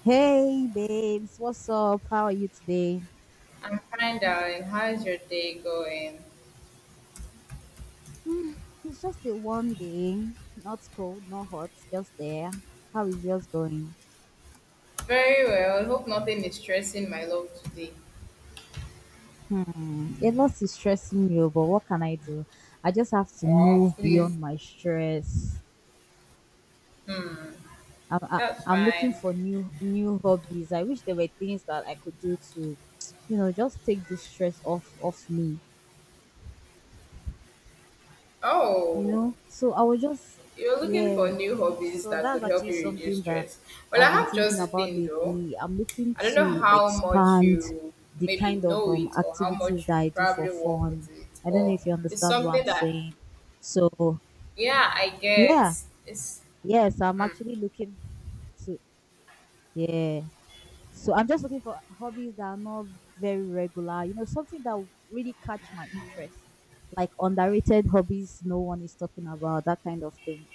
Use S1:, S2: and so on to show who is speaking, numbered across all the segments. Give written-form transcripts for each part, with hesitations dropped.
S1: Hey babes, what's up? How are you today?
S2: I'm fine, darling. How's your day going?
S1: Hmm, it's just a warm day, not cold, not hot, just there. How is yours going?
S2: Very well. Hope nothing is stressing my love today.
S1: Hmm, a lot is stressing me, oh, but what can I do? I just have to
S2: Oh,
S1: move
S2: please.
S1: beyond my stress.
S2: Hmm.
S1: I'm I,
S2: That's
S1: I'm looking
S2: fine.
S1: for new hobbies. I wish there were things that I could do to, you know, just take this stress off me.
S2: Oh,
S1: So I was just
S2: you're looking for
S1: yeah
S2: new hobbies
S1: so
S2: that could
S1: that's
S2: help
S1: actually
S2: you reduce
S1: something that
S2: stress. Well, I
S1: I've been
S2: have just
S1: thinking
S2: the
S1: about
S2: thing though.
S1: lately. I'm looking
S2: I don't know
S1: to
S2: how much
S1: expand
S2: you
S1: the
S2: maybe
S1: kind of
S2: know it or how
S1: activities
S2: much you
S1: that I do for
S2: probably work with
S1: fun.
S2: it,
S1: I don't know
S2: but
S1: if you
S2: it's
S1: understand what
S2: something
S1: I'm
S2: that
S1: saying so
S2: yeah, I get.
S1: yeah
S2: It's
S1: yes I'm actually looking to yeah so I'm just looking for hobbies that are not very regular, something that will really catch my interest, like underrated hobbies no one is talking about, that kind of thing.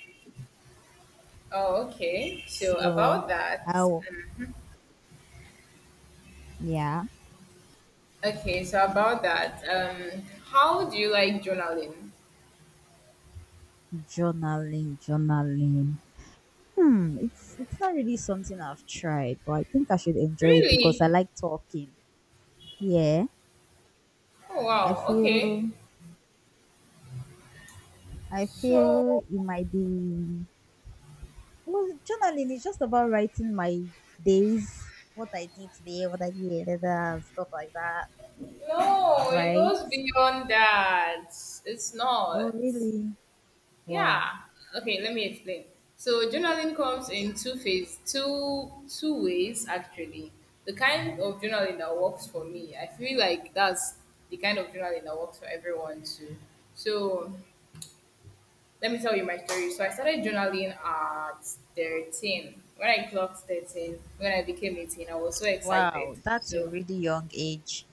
S2: Oh, okay. So
S1: So,
S2: about that.
S1: how, yeah,
S2: Okay, so about that, how do you like journaling?
S1: journaling. Hmm, it's not really something I've tried, but I think I should enjoy it because I
S2: Really?
S1: like talking. Yeah,
S2: Oh
S1: I
S2: wow. Okay.
S1: feel
S2: So
S1: it might be well, journaling is just about writing my days, what I did today, what I did later, and stuff like that,
S2: no, it
S1: right?
S2: goes beyond that. It's
S1: Oh,
S2: not.
S1: really? Wow.
S2: Yeah. Okay, let me explain. So journaling comes
S1: Okay.
S2: in two phase, two two ways actually. The kind of journaling that works for me, I feel like that's the kind of journaling that works for everyone too. So let me tell you my story. So I started journaling at 13. When I clocked 13, when I became 18, I was so excited.
S1: Wow, that's a
S2: So
S1: really young age.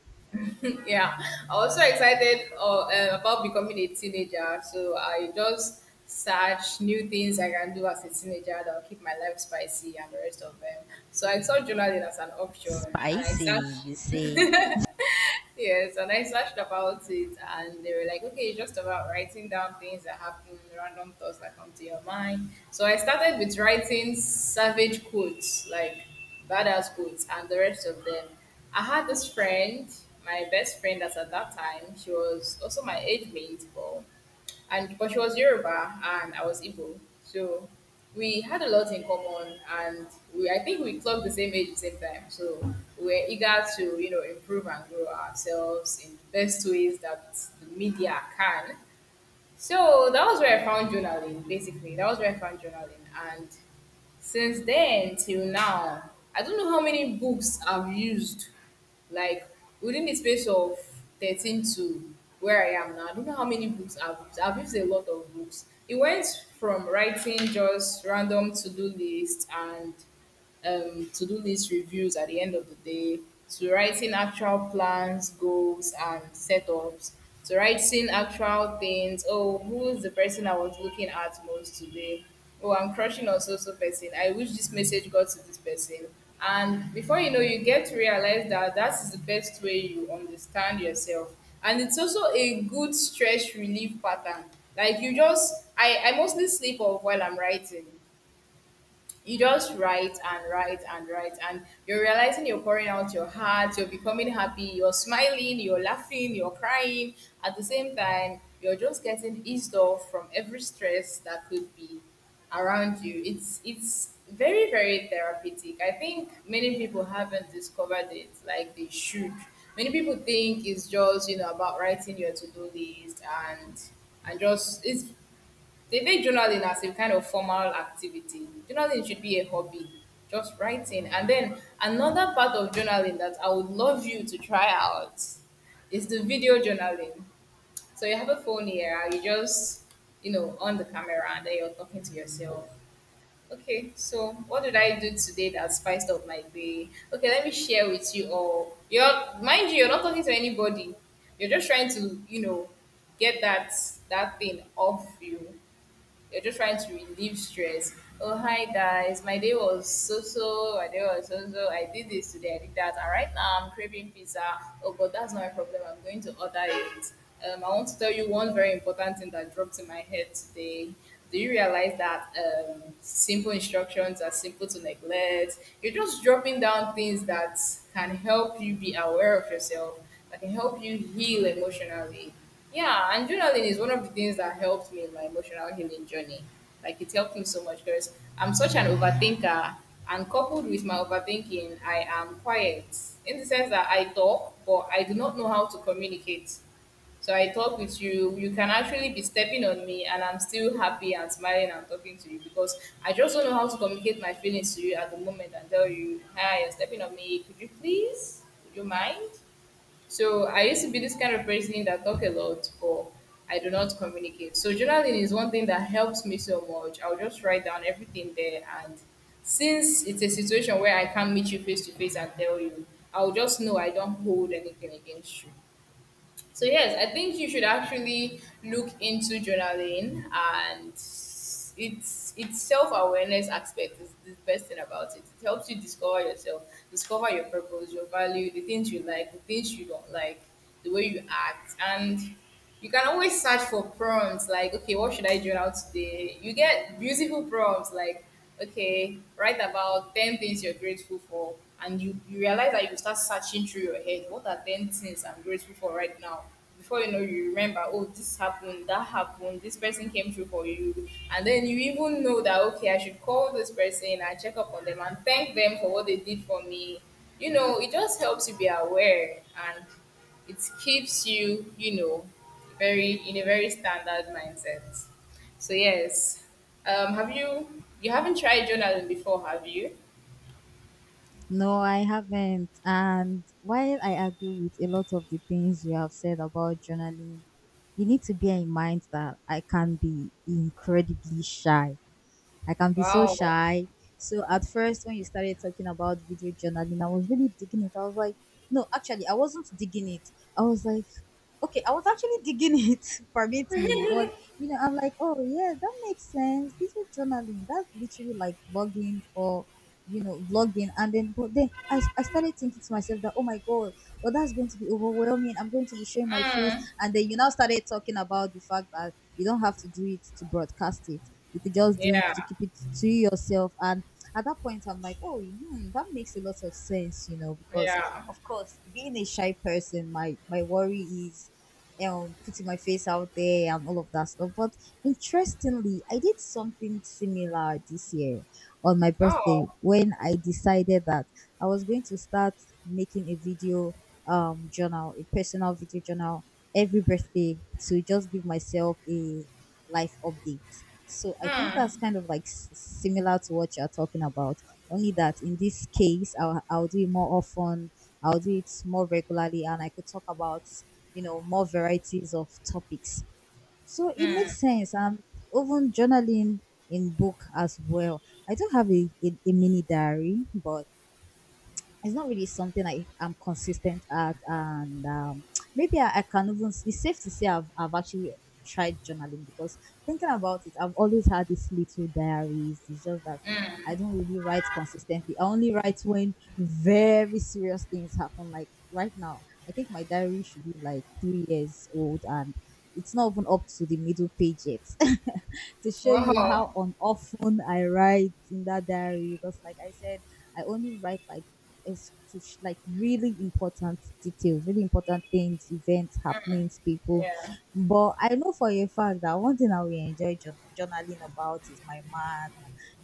S2: yeah, I was so excited about becoming a teenager. So I just search new things I can do as a teenager that will keep my life spicy and the rest of them. So I saw journaling as an option and I
S1: Spicy, you
S2: searched.
S1: say.
S2: Yes, and I searched about it, and they were like, okay, it's just about writing down things that happen, random thoughts that come to your mind. So I started with writing savage quotes, like badass quotes, and the rest of them. I had this friend, my best friend as at that time, she was also my age mate, but and because she was Yoruba and I was Igbo, so we had a lot in common, and we I think we clocked the same age, at the same time. So we're eager to improve and grow ourselves in the best ways that the media can. So that was where I found journaling. Basically, that was where I found journaling, and since then till now I don't know how many books I've used, like within the space of 13 to where I am now. I don't know how many books I've used. A lot of books. It went from writing just random to-do list and to do list reviews at the end of the day, to writing actual plans, goals, and setups, to writing actual things. Oh, who's the person I was looking at most today? Oh, I'm crushing on so so person. I wish this message got to this person. And before you know, you get to realize that that is the best way you understand yourself. And it's also a good stress relief pattern. Like I mostly sleep off while I'm writing. You just write and write and write, and you're realizing you're pouring out your heart, you're becoming happy, you're smiling, you're laughing, you're crying at the same time. You're just getting eased off from every stress that could be around you. It's very very therapeutic. I think many people haven't discovered it like they should. Many people think it's just about writing your to-do list, and and just, it's they make journaling as a kind of formal activity. Journaling should be a hobby, just writing. And then another part of journaling that I would love you to try out is the video journaling. So you have a phone here, and you just, on the camera and then you're talking to yourself. Okay, so what did I do today that spiced up my day? Okay, let me share with you all. You're Mind you, you're not talking to anybody. You're just trying to, get that thing off you. You're just trying to relieve stress. Oh, hi guys, my day was so so, my day was so so. I did this today, I did that, and right now I'm craving pizza. Oh, but that's not my problem. I'm going to order it. I want to tell you one very important thing that dropped in my head today. Do you realize that simple instructions are simple to neglect? You're just dropping down things that can help you be aware of yourself, that can help you heal emotionally. Yeah, and journaling is one of the things that helped me in my emotional healing journey. Like it helped me so much because I'm such an overthinker, and coupled with my overthinking, I am quiet in the sense that I talk, but I do not know how to communicate. So I talk with you, you can actually be stepping on me, and I'm still happy and smiling and talking to you because I just don't know how to communicate my feelings to you at the moment and tell you, hi, you're stepping on me. Could you please? Would you mind? So I used to be this kind of person that talk a lot, but I do not communicate. So journaling is one thing that helps me so much. I'll just write down everything there, and since it's a situation where I can't meet you face to face and tell you, I'll just know I don't hold anything against you. So yes, I think you should actually look into journaling, and it's its self awareness aspect is the best thing about it. It helps you discover yourself, discover your purpose, your value, the things you like, the things you don't like, the way you act, and you can always search for prompts like, okay, what should I journal out today? You get beautiful prompts like, okay, write about 10 things you're grateful for, and you realize that you start searching through your head, what are 10 things I'm grateful for right now? Before you know, you remember, oh, this happened, that happened, this person came through for you, and then you even know that, okay, I should call this person and check up on them and thank them for what they did for me. You know, it just helps you be aware, and it keeps you, you know, very in a very standard mindset. So yes, have you haven't tried journaling before, have you?
S1: No, I haven't. And while I agree with a lot of the things you have said about journaling, you need to bear in mind that I can be incredibly shy. I can be so
S2: Wow.
S1: shy. So at first, when you started talking about video journaling, I was really digging it. I was like, no, actually, I wasn't digging it. I was like, okay, I was actually digging it, permit me, but I'm like, oh yeah, that makes sense. Digital journaling, that's literally like vlogging for vlogging. And then but then I started thinking to myself that oh my god, well that's going to be overwhelming. I'm going to be showing my face,
S2: Mm,
S1: and then you now started talking about the fact that you don't have to do it to broadcast it. You could just do it
S2: yeah.
S1: to keep it to yourself. And at that point I'm like, oh hmm, that makes a lot of sense, because
S2: Yeah.
S1: of course, being a shy person, my worry is you putting my face out there and all of that stuff. But interestingly, I did something similar this year on my birthday
S2: Wow.
S1: when I decided that I was going to start making a video journal, a personal video journal every birthday to just give myself a life update. So I think that's
S2: Mm,
S1: kind of like similar to what you're talking about. Only that in this case, I'll do it more often. I'll do it more regularly, and I could talk about more varieties of topics. So it makes sense. And even journaling in book as well. I don't have a mini diary, but it's not really something I am consistent at, and maybe I can even. It's safe to say I've actually tried journaling because thinking about it, I've always had these little diaries. It's just that I don't really write consistently. I only write when very serious things happen. Like right now, I think my diary should be like 3 years old, and it's not even up to the middle page yet. To show you how
S2: wow.
S1: on often I write in that diary, because like I said, I only write like like really important details, really important things, events, happenings, people.
S2: Yeah.
S1: But I know for a fact that one thing I will enjoy journaling about is my man.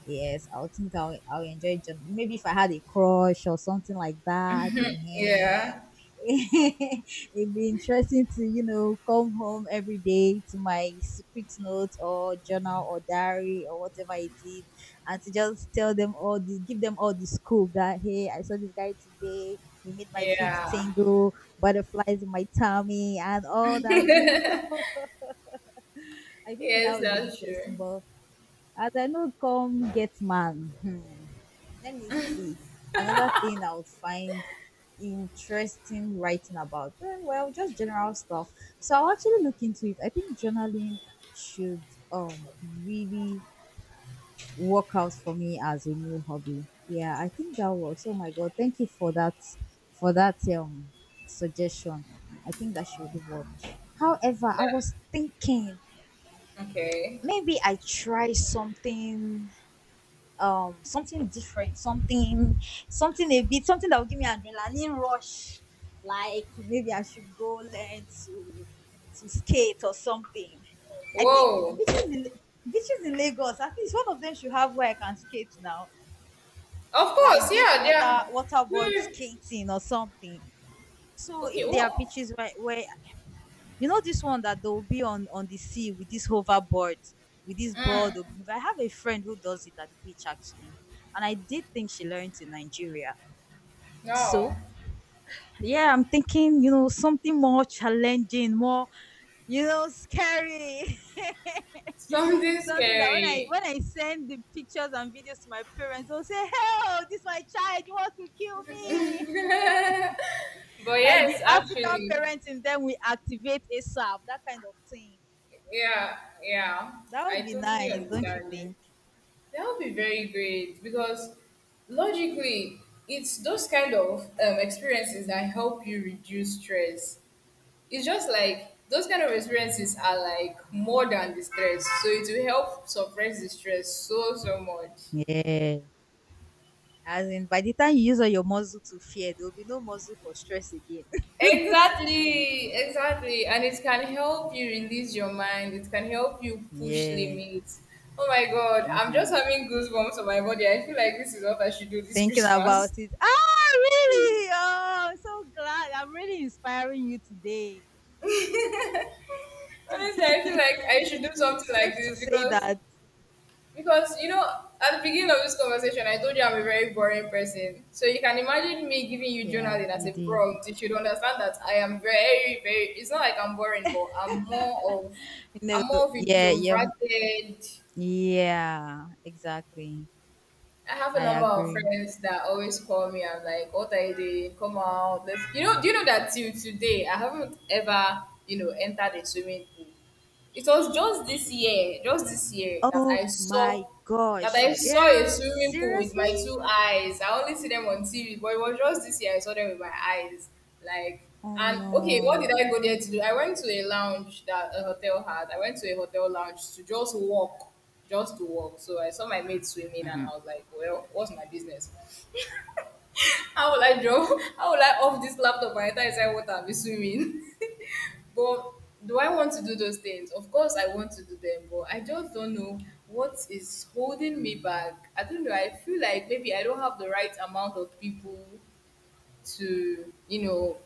S1: Yes, I'll think I'll enjoy journaling. Maybe if I had a crush or something like that. Eh,
S2: Yeah.
S1: it'd be interesting to come home every day to my secret note or journal or diary or whatever it is, and to just tell them all the give them all the scoop that hey, I saw this guy today, he made my feet
S2: Yeah.
S1: tingle, butterflies in my tummy and all that cute stuff. I think that
S2: Yes,
S1: would be
S2: that's
S1: interesting,
S2: true.
S1: but as I know, come get man. Hmm. Let me see. Another thing I would find interesting writing about. Eh, well, just general stuff. So I'll actually look into it. I think journaling should um really work out for me as a new hobby. Yeah, I think that works. Oh my god, thank you for that suggestion. I think that should work. However, I
S2: That
S1: was thinking
S2: okay.
S1: maybe I try something something different, something a bit, something that will give me adrenaline rush. Like maybe I should go learn to skate or something. I think
S2: Whoa.
S1: beaches in Lagos, at least one of them should have where I can skate now.
S2: Of course,
S1: Like this
S2: yeah, yeah.
S1: waterboard
S2: Hmm.
S1: skating or something. So
S2: Okay,
S1: if there are
S2: whoa.
S1: beaches where this one that they'll be on the sea with this hoverboard, with this board. They'll be
S2: Mm,
S1: moving. I have a friend who does it at the beach actually, and I did think she learned in Nigeria.
S2: no.
S1: So yeah, I'm thinking something more challenging, more scary.
S2: Something
S1: Something that when
S2: scary.
S1: I send the pictures and videos to my parents, they'll say, "Hell, this my child you want to kill me."
S2: But
S1: Like the
S2: yes,
S1: African
S2: actually,
S1: parents in them we activate ASAP, that kind of thing.
S2: yeah, yeah,
S1: That
S2: I
S1: would be
S2: totally
S1: nice, don't you
S2: understand you.
S1: think?
S2: That would be very great because logically, it's those kind of experiences that help you reduce stress. It's just like those kind of experiences are like more than the stress, so it will help suppress the stress so so much.
S1: Yeah. As in, by the time you use all your muscle to fear, there will be no muscle for stress again.
S2: Exactly, exactly. And it can help you release your mind. It can help you push
S1: Yeah.
S2: limits. Oh my God, I'm just
S1: Mm-hmm.
S2: having goosebumps on my body. I feel like this is what I should do this
S1: Thinking about
S2: Christmas.
S1: it. Ah, really? Oh, I'm so glad. I'm really inspiring you today.
S2: Honestly, I feel like I should do
S1: Safe, to,
S2: something like
S1: safe
S2: this
S1: to say
S2: because
S1: that.
S2: because at the beginning of this conversation, I told you I'm a very boring person. So you can imagine me giving you
S1: Yeah,
S2: journaling as
S1: you
S2: a
S1: did.
S2: prompt. You should understand that I am very, very. It's not like I'm boring, but I'm more of
S1: No.
S2: I'm more of
S1: Yeah, yeah,
S2: introverted.
S1: yeah, exactly.
S2: I have a
S1: I
S2: number of
S1: agree.
S2: friends that always call me. I'm like, what are you doing? Come out. Let's, do you know that till today, I haven't ever, entered a swimming pool. It was just this year that
S1: Oh
S2: I saw
S1: my
S2: that
S1: gosh,
S2: I saw a
S1: girl,
S2: swimming pool with my
S1: seriously?
S2: two eyes. I only see them on TV, but it was just this year I saw them with my eyes. Like
S1: Oh
S2: and okay, what did
S1: no.
S2: I go there to do? I went to a lounge that a hotel had. I went to a hotel lounge to just walk, just to walk. So I saw my mate swimming, and I
S1: Mhm.
S2: was like, "Well, what's my business? How will I draw? How will I off this laptop by the time it's like water and be swimming?" But do I want to do those things? Of course, I want to do them, but I just don't know what is holding me back. I don't know. I feel like maybe I don't have the right amount of people to,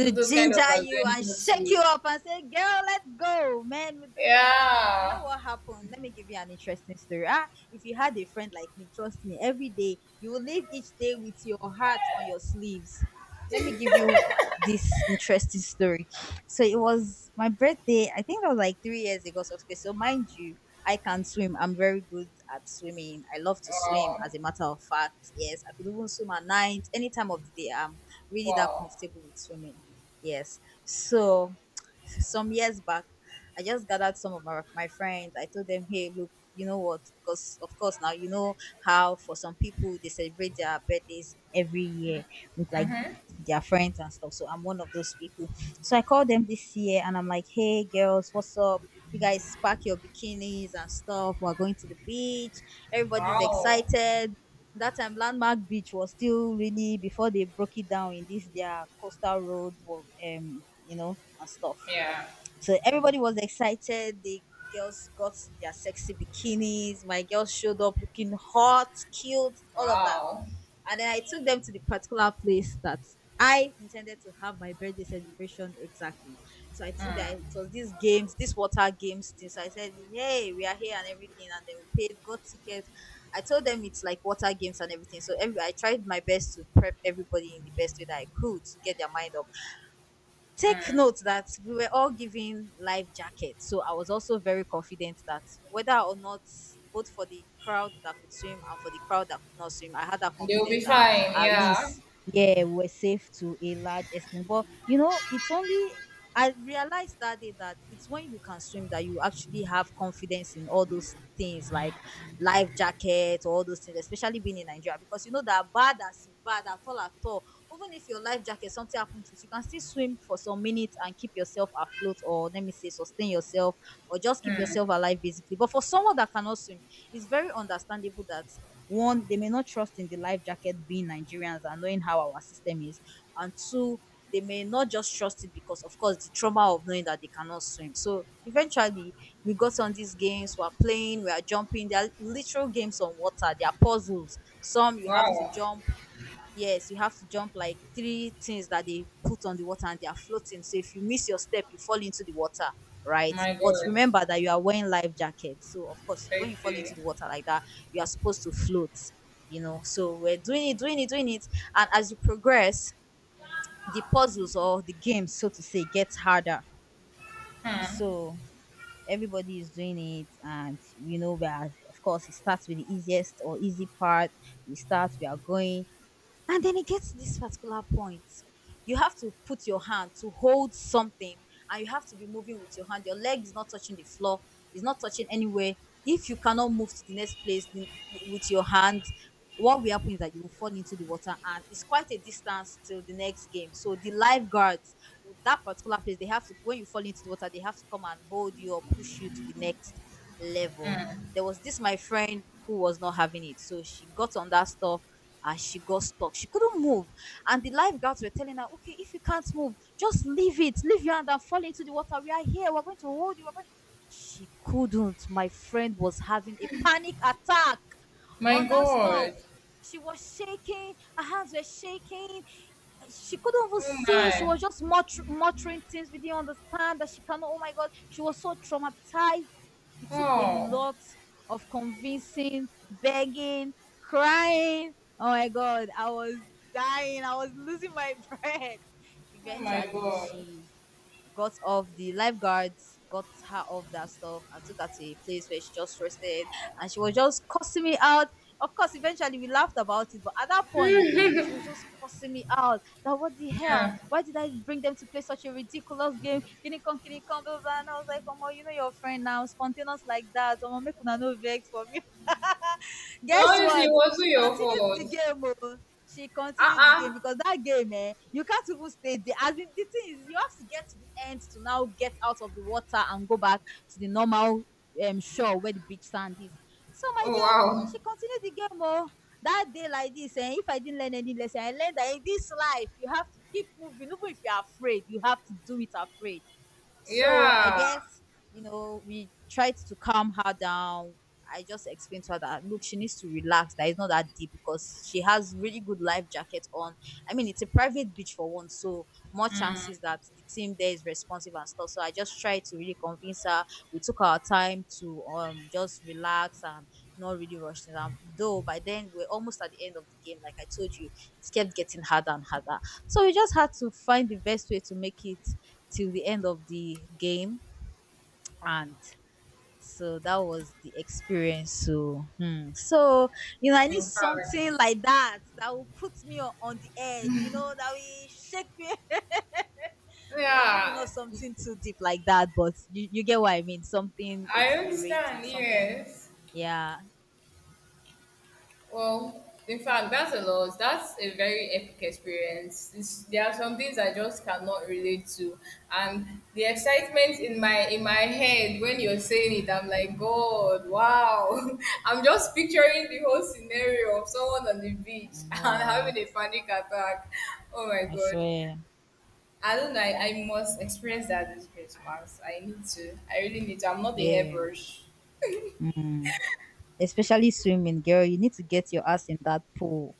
S2: do those kind of
S1: ginger you and
S2: adventures
S1: shake you
S2: with.
S1: up and say, girl, let's go, man, we're doing this. You know
S2: Yeah.
S1: what happened? Let me give you an interesting story. Ah, if you had a friend like me, trust me, every day you will live each day with your heart on your sleeves. Let me give you this interesting story. So it was my birthday. I think that was like 3 years ago. So, okay, so mind you, I can swim. I'm very good at swimming. I love to swim.
S2: Wow.
S1: As a matter of fact, yes, I could even swim at night, any time of the day. I'm really that
S2: Wow.
S1: comfortable with swimming. Yes. So some years back, I just gathered some of my friends. I told them, hey, look, you know what? Because, of course, now you know how for some people they celebrate their birthdays every year with like their friends and stuff. So I'm one of those people. So I called them this year and I'm like, hey, girls, what's up? You guys pack your bikinis and stuff. We're going to the beach. Everybody's
S2: Wow.
S1: excited. That time, Landmark Beach was still really before they broke it down in this their coastal road, you know, and stuff.
S2: Yeah.
S1: So everybody was excited. The girls got their sexy bikinis. My girls showed up looking hot, cute, all of that.
S2: Wow.
S1: And then I took them to the particular place that I intended to have my birthday celebration exactly. So I took that it was these games, these water games thing. So I said, hey, we are here and everything. And then we paid, got tickets. I told them it's like water games and everything. So every, I tried my best to prep everybody in the best way that I could to get their mind up. Take note that we were all given life jackets. So I was also very confident that whether or not, both for the crowd that could swim and for the crowd that could not swim, I had that
S2: They'll be
S1: confidence that
S2: fine.
S1: at
S2: Yeah.
S1: least, yeah, we're safe to a large extent. But, you know, it's only. I realized that day that it's when you can swim that you actually have confidence in all those things like life jacket, all those things, especially being in Nigeria, because you know that bad as it bad at all at all, even if your life jacket something happened to it, you can still swim for some minutes and keep yourself afloat, or let me say sustain yourself, or just keep yourself alive basically. But for someone that cannot swim, it's very understandable that, one, they may not trust in the life jacket, being Nigerians and knowing how our system is, and two, they may not just trust it because of course the trauma of knowing that they cannot swim. So eventually we got on these games, we're playing, we're jumping. They're literal games on water. They are puzzles. Some you have to
S2: Wow.
S1: jump. Yes, you have to jump like 3 things that they put on the water and they are floating. So if you miss your step, you fall into the water, right?
S2: My
S1: But
S2: God.
S1: remember that you are wearing life jacket. So of course, when you fall
S2: Crazy.
S1: into the water like that, you are supposed to float, you know. So we're doing it, doing it, doing it. And as you progress, the puzzles or the game, so to say, gets harder.
S2: Hmm.
S1: So everybody is doing it, and you know, we are, of course, it starts with the easiest or easy part. We start, we are going, and then it gets to this particular point. You have to put your hand to hold something, and you have to be moving with your hand. Your leg is not touching the floor, it's not touching anywhere. If you cannot move to the next place with your hand, what will happen is that you will fall into the water, and it's quite a distance till the next game. So the lifeguards with that particular place, they have to, when you fall into the water, they have to come and hold you or push you to the next level. There was this my friend who was not having it. So she got on that stuff and she got stuck. She couldn't move. And the lifeguards were telling her, okay, if you can't move, just leave it. Leave your hand and fall into the water. We are here. We're going to hold you. We're going... She couldn't. My friend was having a panic attack
S2: My
S1: on that stuff.
S2: God.
S1: She was shaking. Her hands were shaking. She couldn't even
S2: Oh
S1: see. She
S2: my.
S1: was just muttering things. We didn't understand that she cannot. Oh my God. She was so traumatized. It took a
S2: Oh.
S1: lot of convincing, begging, crying. Oh my God, I was dying. I was losing my breath.
S2: Oh my
S1: Eventually,
S2: god.
S1: she got off, the lifeguards got her off that stuff and took her to a place where she just rested. And she was just cussing me out. Of course eventually we laughed about it, but at that point she was just cussing me out that what the hell,
S2: Yeah.
S1: why did I bring them to play such a ridiculous game, kini come blah blah blah. And I was like, omo, you know your friend now spontaneous like that, omo make una no vex for me.
S2: No,
S1: Guess
S2: honestly,
S1: what?
S2: it wasn't
S1: She
S2: your
S1: continued the
S2: fault.
S1: game. Oh. She continued the game
S2: Uh-uh.
S1: because that game, eh, you can't even stay there. As in, the thing is, you have to get to the end to now get out of the water and go back to the normal shore where the beach sand is. So, my
S2: Oh,
S1: dear,
S2: wow.
S1: she continued the game. Oh. That day, like this, and if I didn't learn any lesson, I learned that in this life, you have to keep moving. Even if you're afraid, you have to do it afraid. So, I
S2: Yeah.
S1: guess, you know, we tried to calm her down. I just explained to her that look, she needs to relax. That it's not that deep because she has really good life jacket on. I mean, it's a private beach for one, so more chances that the team there is responsive and stuff. So I just tried to really convince her. We took our time to just relax and not really rush things. And though by then we're almost at the end of the game, like I told you, it kept getting harder and harder. So we just had to find the best way to make it till the end of the game, and so that was the experience. So, hmm. So you know, I need
S2: In fact.
S1: something like that that will put me on the edge. You know, that will shake me. Well, maybe
S2: Yeah.
S1: not something too deep like that, but you get what I mean. Something
S2: I
S1: exhilarating.
S2: understand,
S1: Something,
S2: yes.
S1: yeah.
S2: Well, in fact, that's a lot. That's a very epic experience. There are some things I just cannot relate to, and the excitement in my head when you're saying it, I'm like, God, wow! I'm just picturing the whole scenario of someone on the
S1: I
S2: beach
S1: know,
S2: and having
S1: right?
S2: a panic attack. Oh my
S1: I
S2: God!
S1: swear.
S2: I don't know. I must experience that this Christmas. I need to. I really need to. I'm not a
S1: Yeah.
S2: hairbrush.
S1: Mm. Especially swimming, girl. You need to get your ass in that pool.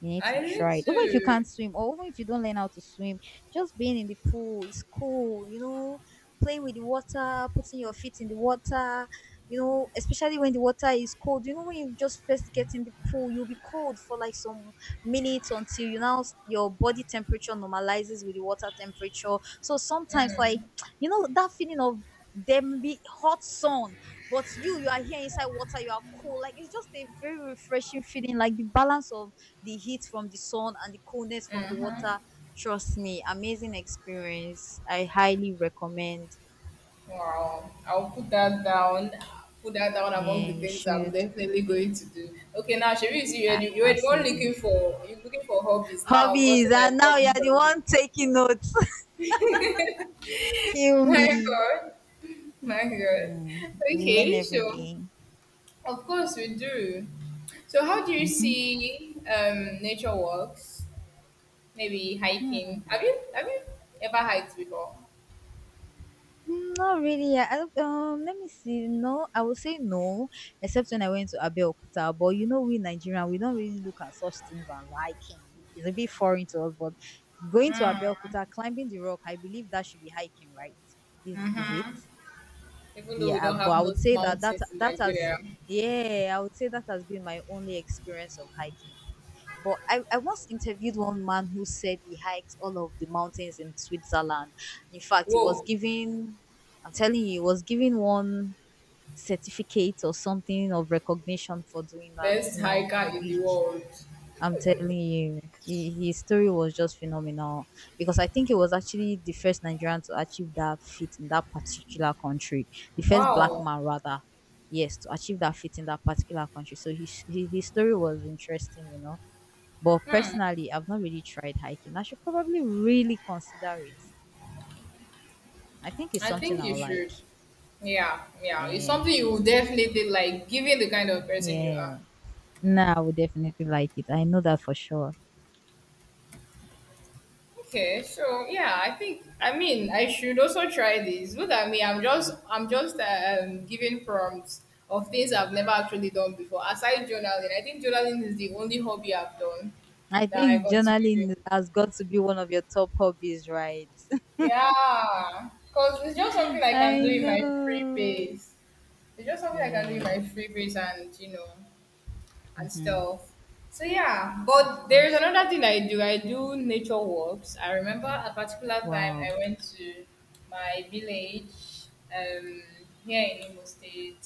S1: You need
S2: I
S1: to
S2: need
S1: try it. Even if you
S2: to.
S1: can't swim or even if you don't learn how to swim, just being in the pool is cool, you know, playing with the water, putting your feet in the water, you know, especially when the water is cold. You know, when you just first get in the pool, you'll be cold for like some minutes until you now your body temperature normalizes with the water temperature. So sometimes, like, you know that feeling of them be hot sun, but you are here inside water, you are cool, like, it's just a very refreshing feeling, like the balance of the heat from the sun and the coolness from the water. Trust me, amazing experience. I highly recommend.
S2: Wow, I'll put that down. Put that down among the
S1: Yeah, you
S2: things I'm
S1: should.
S2: definitely going to do. Okay, now Sherry, you see,
S1: A-
S2: you were the one looking
S1: absolutely.
S2: for you looking for hobbies. Now I've
S1: Hobbies,
S2: gotten like
S1: and now
S2: hobbies
S1: you're
S2: from
S1: the
S2: you.
S1: one taking notes. Kill
S2: My
S1: me.
S2: God, my God.
S1: Mm, we learn
S2: Okay,
S1: every
S2: so
S1: day.
S2: of course we do. So how do you
S1: Mhm.
S2: see nature walks? Maybe
S1: Hmm.
S2: hiking. Have you ever hiked before?
S1: Mm, not really. I don't- let me see. No, I would say no, except when I went to Abeokuta. But you know, we Nigerian, we don't really look at such things as hiking. It's a bit foreign to us. But going to Abeokuta, climbing the rock, I believe that should be hiking, right? Is it?
S2: Even though we
S1: Yeah. I-
S2: don't
S1: But
S2: have
S1: I would
S2: most
S1: say that that
S2: mountains in
S1: that has,
S2: Nigeria.
S1: yeah, I would say that has been my only experience of hiking. But I once interviewed one man who said he hiked all of the mountains in Switzerland. In fact, he was
S2: Whoa.
S1: given, I'm telling you, he was given one certificate or something of recognition for doing that.
S2: Best
S1: You know,
S2: hiker in the world.
S1: I'm telling you, he, his story was just phenomenal because I think he was actually the first Nigerian to achieve that feat in that particular country, the first black
S2: Wow.
S1: man, rather. Yes, to achieve that feat in that particular country. So his story was interesting, you know. But personally, I've not really tried hiking. I should probably really consider it. I think it's
S2: I
S1: something
S2: think you
S1: I'll like.
S2: should. Yeah, yeah. It's
S1: Yeah.
S2: something you will definitely like, given the kind of person you are.
S1: Yeah. No, I would definitely like it. I know that for sure.
S2: Okay, so yeah, I think I mean I should also try this. Look at me, I'm just giving prompts of things I've never actually done before. Aside journaling, I think journaling is the only hobby I've done
S1: I
S2: that I
S1: think
S2: continue doing.
S1: journaling has got to be one of your top hobbies, right?
S2: Yeah, because it's just something I can do
S1: I
S2: in my free
S1: know.
S2: base. It's just something I can do in
S1: Yeah.
S2: my free base and you know and
S1: Mm-hmm.
S2: stuff. So yeah,
S1: Of
S2: but there's
S1: course.
S2: another thing I do. I do nature walks. I remember a particular time
S1: Wow.
S2: I went to my village um here in Imo State.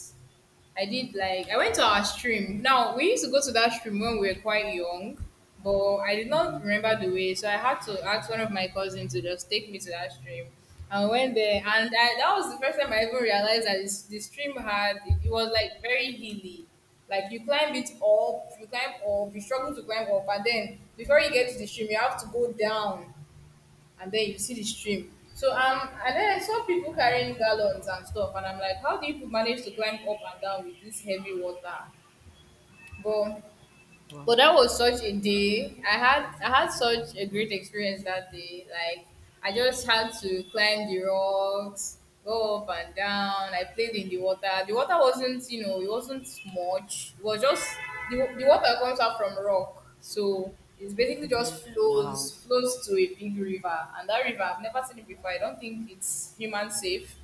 S2: I did like I went to our stream. Now we used to go to that stream when we were quite young, but I did not
S1: Mm-hmm.
S2: remember the way, so I had to ask one of my cousins to just take me to that stream. I went there, and that was the first time I even realized that the stream had it was like very hilly. Like you climb it up, you climb up, you struggle to climb up, and then before you get to the stream, you have to go down and then you see the stream. So and then I saw people carrying gallons and stuff, and I'm like, how do you people manage to climb up and down with this heavy water? But but
S1: Wow.
S2: that was such a day. I had such a great experience that day. Like I just had to climb the rocks, go up and down. I played in the water. The water wasn't, you know, it wasn't much. It was just the water comes out from rock. So it's basically
S1: Mm-hmm.
S2: just
S1: Wow.
S2: flows to a big river. And that river I've never seen it before. I don't think it's human safe.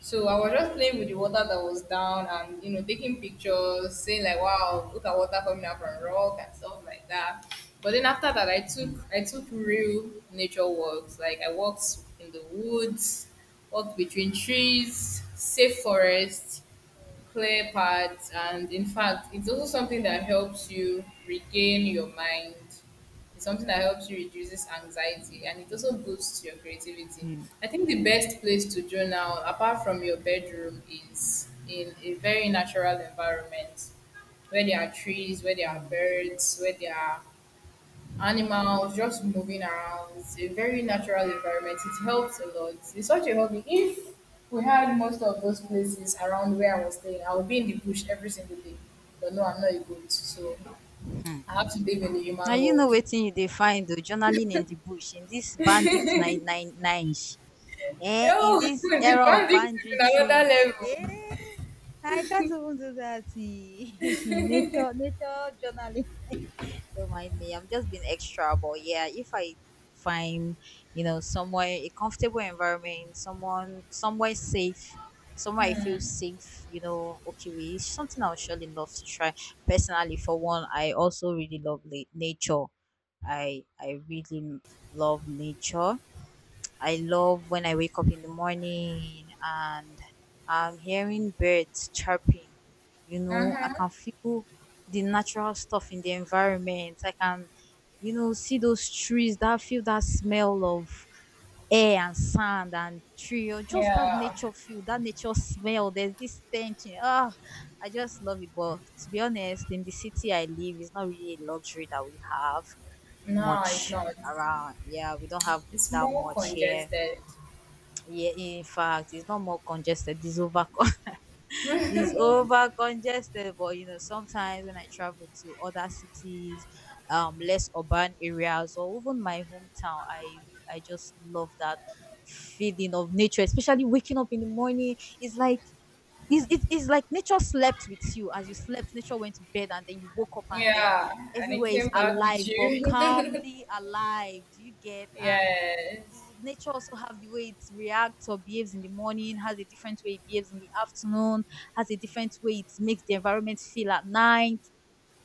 S2: So I was just playing with the water that was down and you know taking pictures, saying like, "Wow, look at water coming out from rock" and stuff like that. But then after that, I took
S1: Mm-hmm.
S2: I took real nature walks. Like I walked in the woods, walked between trees, safe forest clear paths, and in fact it's also something that helps you regain your mind. It's something that helps you reduces anxiety, and it also boosts your creativity.
S1: Yeah.
S2: I think the best place to journal apart from your bedroom is in a very natural environment, where there are trees, where there are
S1: Mm-hmm.
S2: birds, where there are animals just moving around. It's a very natural environment. It helps a lot. It's such a hobby. If we had most of those places around where I was staying, I would be in the bush every single day. But no, I'm not a goat, so I have to live in the
S1: Now
S2: human
S1: you know
S2: world.
S1: wetin you dey find o, journaling in the bush, in this bandit nine nine nine, eh, in
S2: Yo,
S1: this
S2: the
S1: era of
S2: bandit is in
S1: banditry,
S2: another level.
S1: eh. I can't even do that nature journaling don't mind me, I'm just being extra, but yeah, if I find, you know, somewhere a comfortable environment, someone, somewhere safe, somewhere I feel safe, you know, okay with, it's something I'll surely love to try personally. For one, I also really love nature. I really love nature. I love when I wake up in the morning and I'm hearing birds chirping, you know, I
S2: Uh-huh.
S1: can feel the natural stuff in the environment, I can, you know, see those trees, that feel, that smell of air and sand and tree, or just that
S2: Yeah.
S1: nature feel, that nature smell. There's this tension. Oh, I just love it. But to be honest, in the city I live, it's not really a luxury that we have
S2: No, it's
S1: much
S2: not.
S1: around. Yeah, we don't have
S2: It's
S1: that
S2: more
S1: much here.
S2: congested.
S1: Yeah, in fact, it's not more congested. It's over is over congested, but you know, sometimes when I travel to other cities, less urban areas, or even my hometown, I just love that feeling of nature, especially waking up in the morning. It's like, it's like, nature slept with you, as you slept nature went to bed, and then you woke up and then
S2: Yeah, and it
S1: everywhere
S2: came
S1: is
S2: back with
S1: alive but
S2: you.
S1: calmly alive. Do you get
S2: yes.
S1: the- nature also have the way it reacts or behaves in the morning, has a different way it behaves in the afternoon, has a different way it makes the environment feel at night,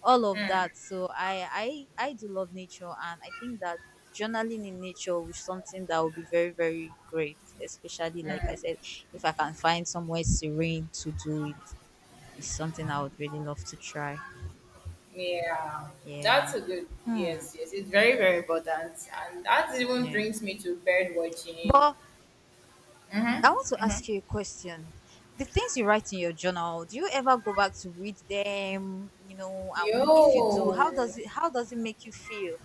S1: all of that. So I do love nature, and I think that journaling in nature is something that would be very very great. Especially like I said, if I can find somewhere serene to do it, it's something I would really love to try.
S2: Yeah,
S1: Yeah.
S2: that's a good.
S1: Hmm.
S2: Yes, yes, it's very, very important, and that even
S1: Yeah.
S2: brings me to bird watching.
S1: But I want to ask you a question. The things you write in your journal, do you ever go back to read them? You know, and if you do,
S2: Yo,
S1: how does it make you feel?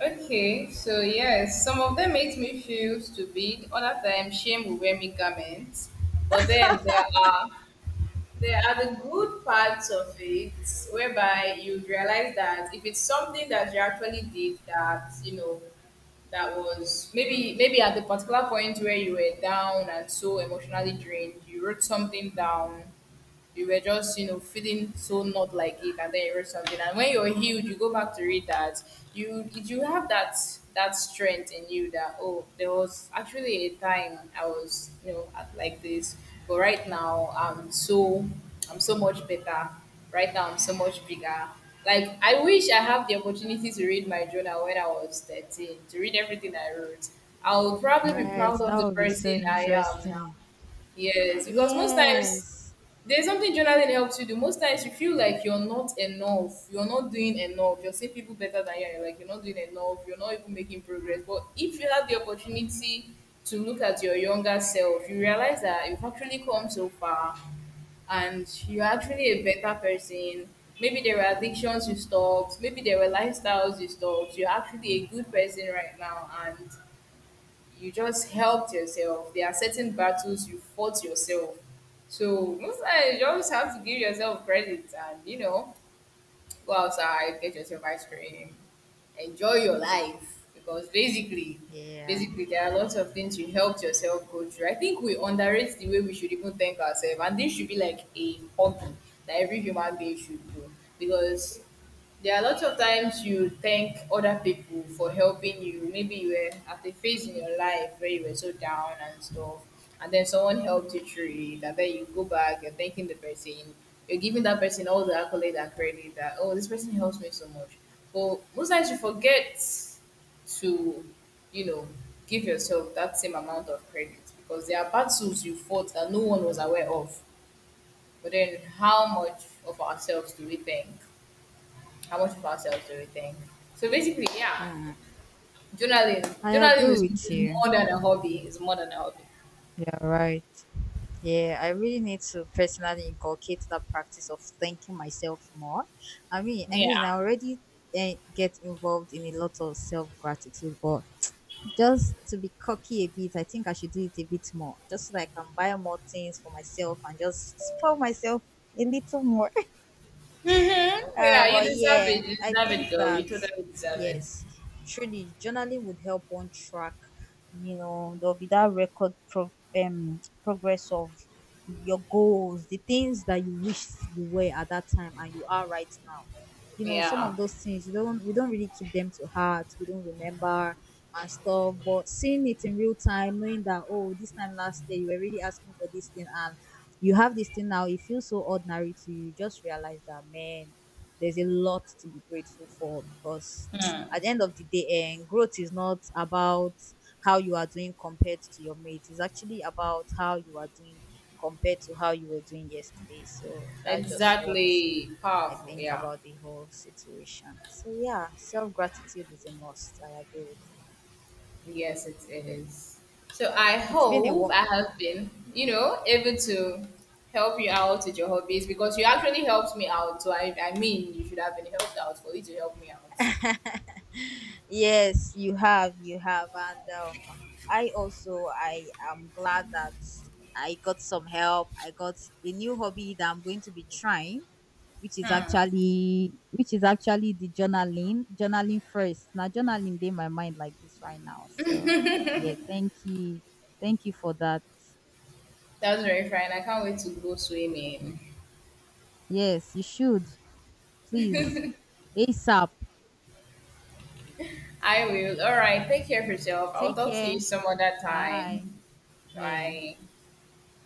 S2: okay, so yes, some of them makes me feel stupid. Other times, shame will wear me garments. But then there are the good parts of it, whereby you realize that if it's something that you actually did, that you know that was maybe at the particular point where you were down and so emotionally drained, you wrote something down. You were just, you know, feeling so not like it, and then you wrote something, and when you're healed you go back to read that. You have that strength in you that, oh, there was actually a time I was, you know, at like this, but right now I'm so I'm so much better. Right now I'm so much bigger. Like I wish I have the opportunity to read my journal when I was 13, to read everything I wrote. I'll probably be
S1: Right,
S2: proud of the
S1: that would be
S2: person
S1: so
S2: I am now.
S1: interesting.
S2: Yes, because most times
S1: Yes.
S2: there's something journaling helps you do. Most times you feel like you're not enough, you're not doing enough, you're seeing people better than you, and you're like, you're not doing enough, you're not even making progress. But if you have the opportunity to look at your younger self, you realize that you've actually come so far and you're actually a better person. Maybe there were addictions you stopped, maybe there were lifestyles you stopped. You're actually a good person right now, and you just helped yourself. There are certain battles you fought yourself. So most times you just have to give yourself credit, and you know, go outside, get yourself ice cream, enjoy your life, because basically,
S1: Yeah.
S2: basically there are lots of things you helped yourself go through. I think we underrate the way we should even thank ourselves, and this should be like a hobby that every human being should do, because there are lots of times you thank other people for helping you. Maybe you were at a phase in your life where you were so down and stuff, and then someone helped you through it, and then you go back, you're thanking the person, you're giving that person all the accolade and credit that, oh, this person helps me so much. But most times you forget to, you know, give yourself that same amount of credit, because there are battles you fought that no one was aware of. But then, how much of ourselves do we thank? How much of ourselves do we think? So basically, yeah,
S1: Hmm.
S2: journaling.
S1: I
S2: Journaling
S1: agree with
S2: is
S1: you.
S2: more than a hobby. It's more than a hobby.
S1: You're right. Yeah, I really need to personally inculcate that practice of thanking myself more. I mean, I
S2: Yeah.
S1: already, eh, get involved in a lot of self gratitude, but just to be cocky a bit, I think I should do it a bit more, just so that I can buy more things for myself and just spoil myself a little more.
S2: Mm-hmm. Yeah,
S1: Well,
S2: you deserve
S1: yeah,
S2: it. You
S1: I
S2: deserve it,
S1: think
S2: girl. You
S1: that,
S2: totally deserve it.
S1: yes, truly, journaling would help on track. You know, there'll be that record progress of your goals, the things that you wish you were at that time and you are right now. You know, some
S2: Yeah.
S1: of those things, you don't, we don't really keep them to heart. We don't remember and stuff. But seeing it in real time, knowing that, oh, this time last year you were really asking for this thing and you have this thing now, it feels so ordinary to you. You just realize that, man, there's a lot to be grateful for, because at the end of the day, and growth is not about how you are doing compared to your mate. It's actually about how you are doing compared to how you were doing yesterday. So that's just what
S2: Exactly.
S1: I
S2: Powerful.
S1: think
S2: Yeah.
S1: about the whole situation. So yeah, self gratitude is a must. I agree with you.
S2: Yes, it is. So I
S1: It's been a
S2: hope
S1: wa-
S2: I have been, you know, able to help you out with your hobbies, because you actually helped me out. So I mean, you should have been helped out for you to help me out.
S1: yes, you have, and I also, I am glad that I got some help. I got a new hobby that I'm going to be trying, which is actually the journaling. Journaling first. Now journaling in my mind like this right now. So yeah, thank you for that.
S2: That's very fine. I can't wait to go swimming.
S1: Yes, you should, please, ASAP.
S2: I will. All right. Take care of yourself. I'll
S1: Take
S2: talk to
S1: care.
S2: you some other
S1: Bye.
S2: time.
S1: Yeah.
S2: Bye.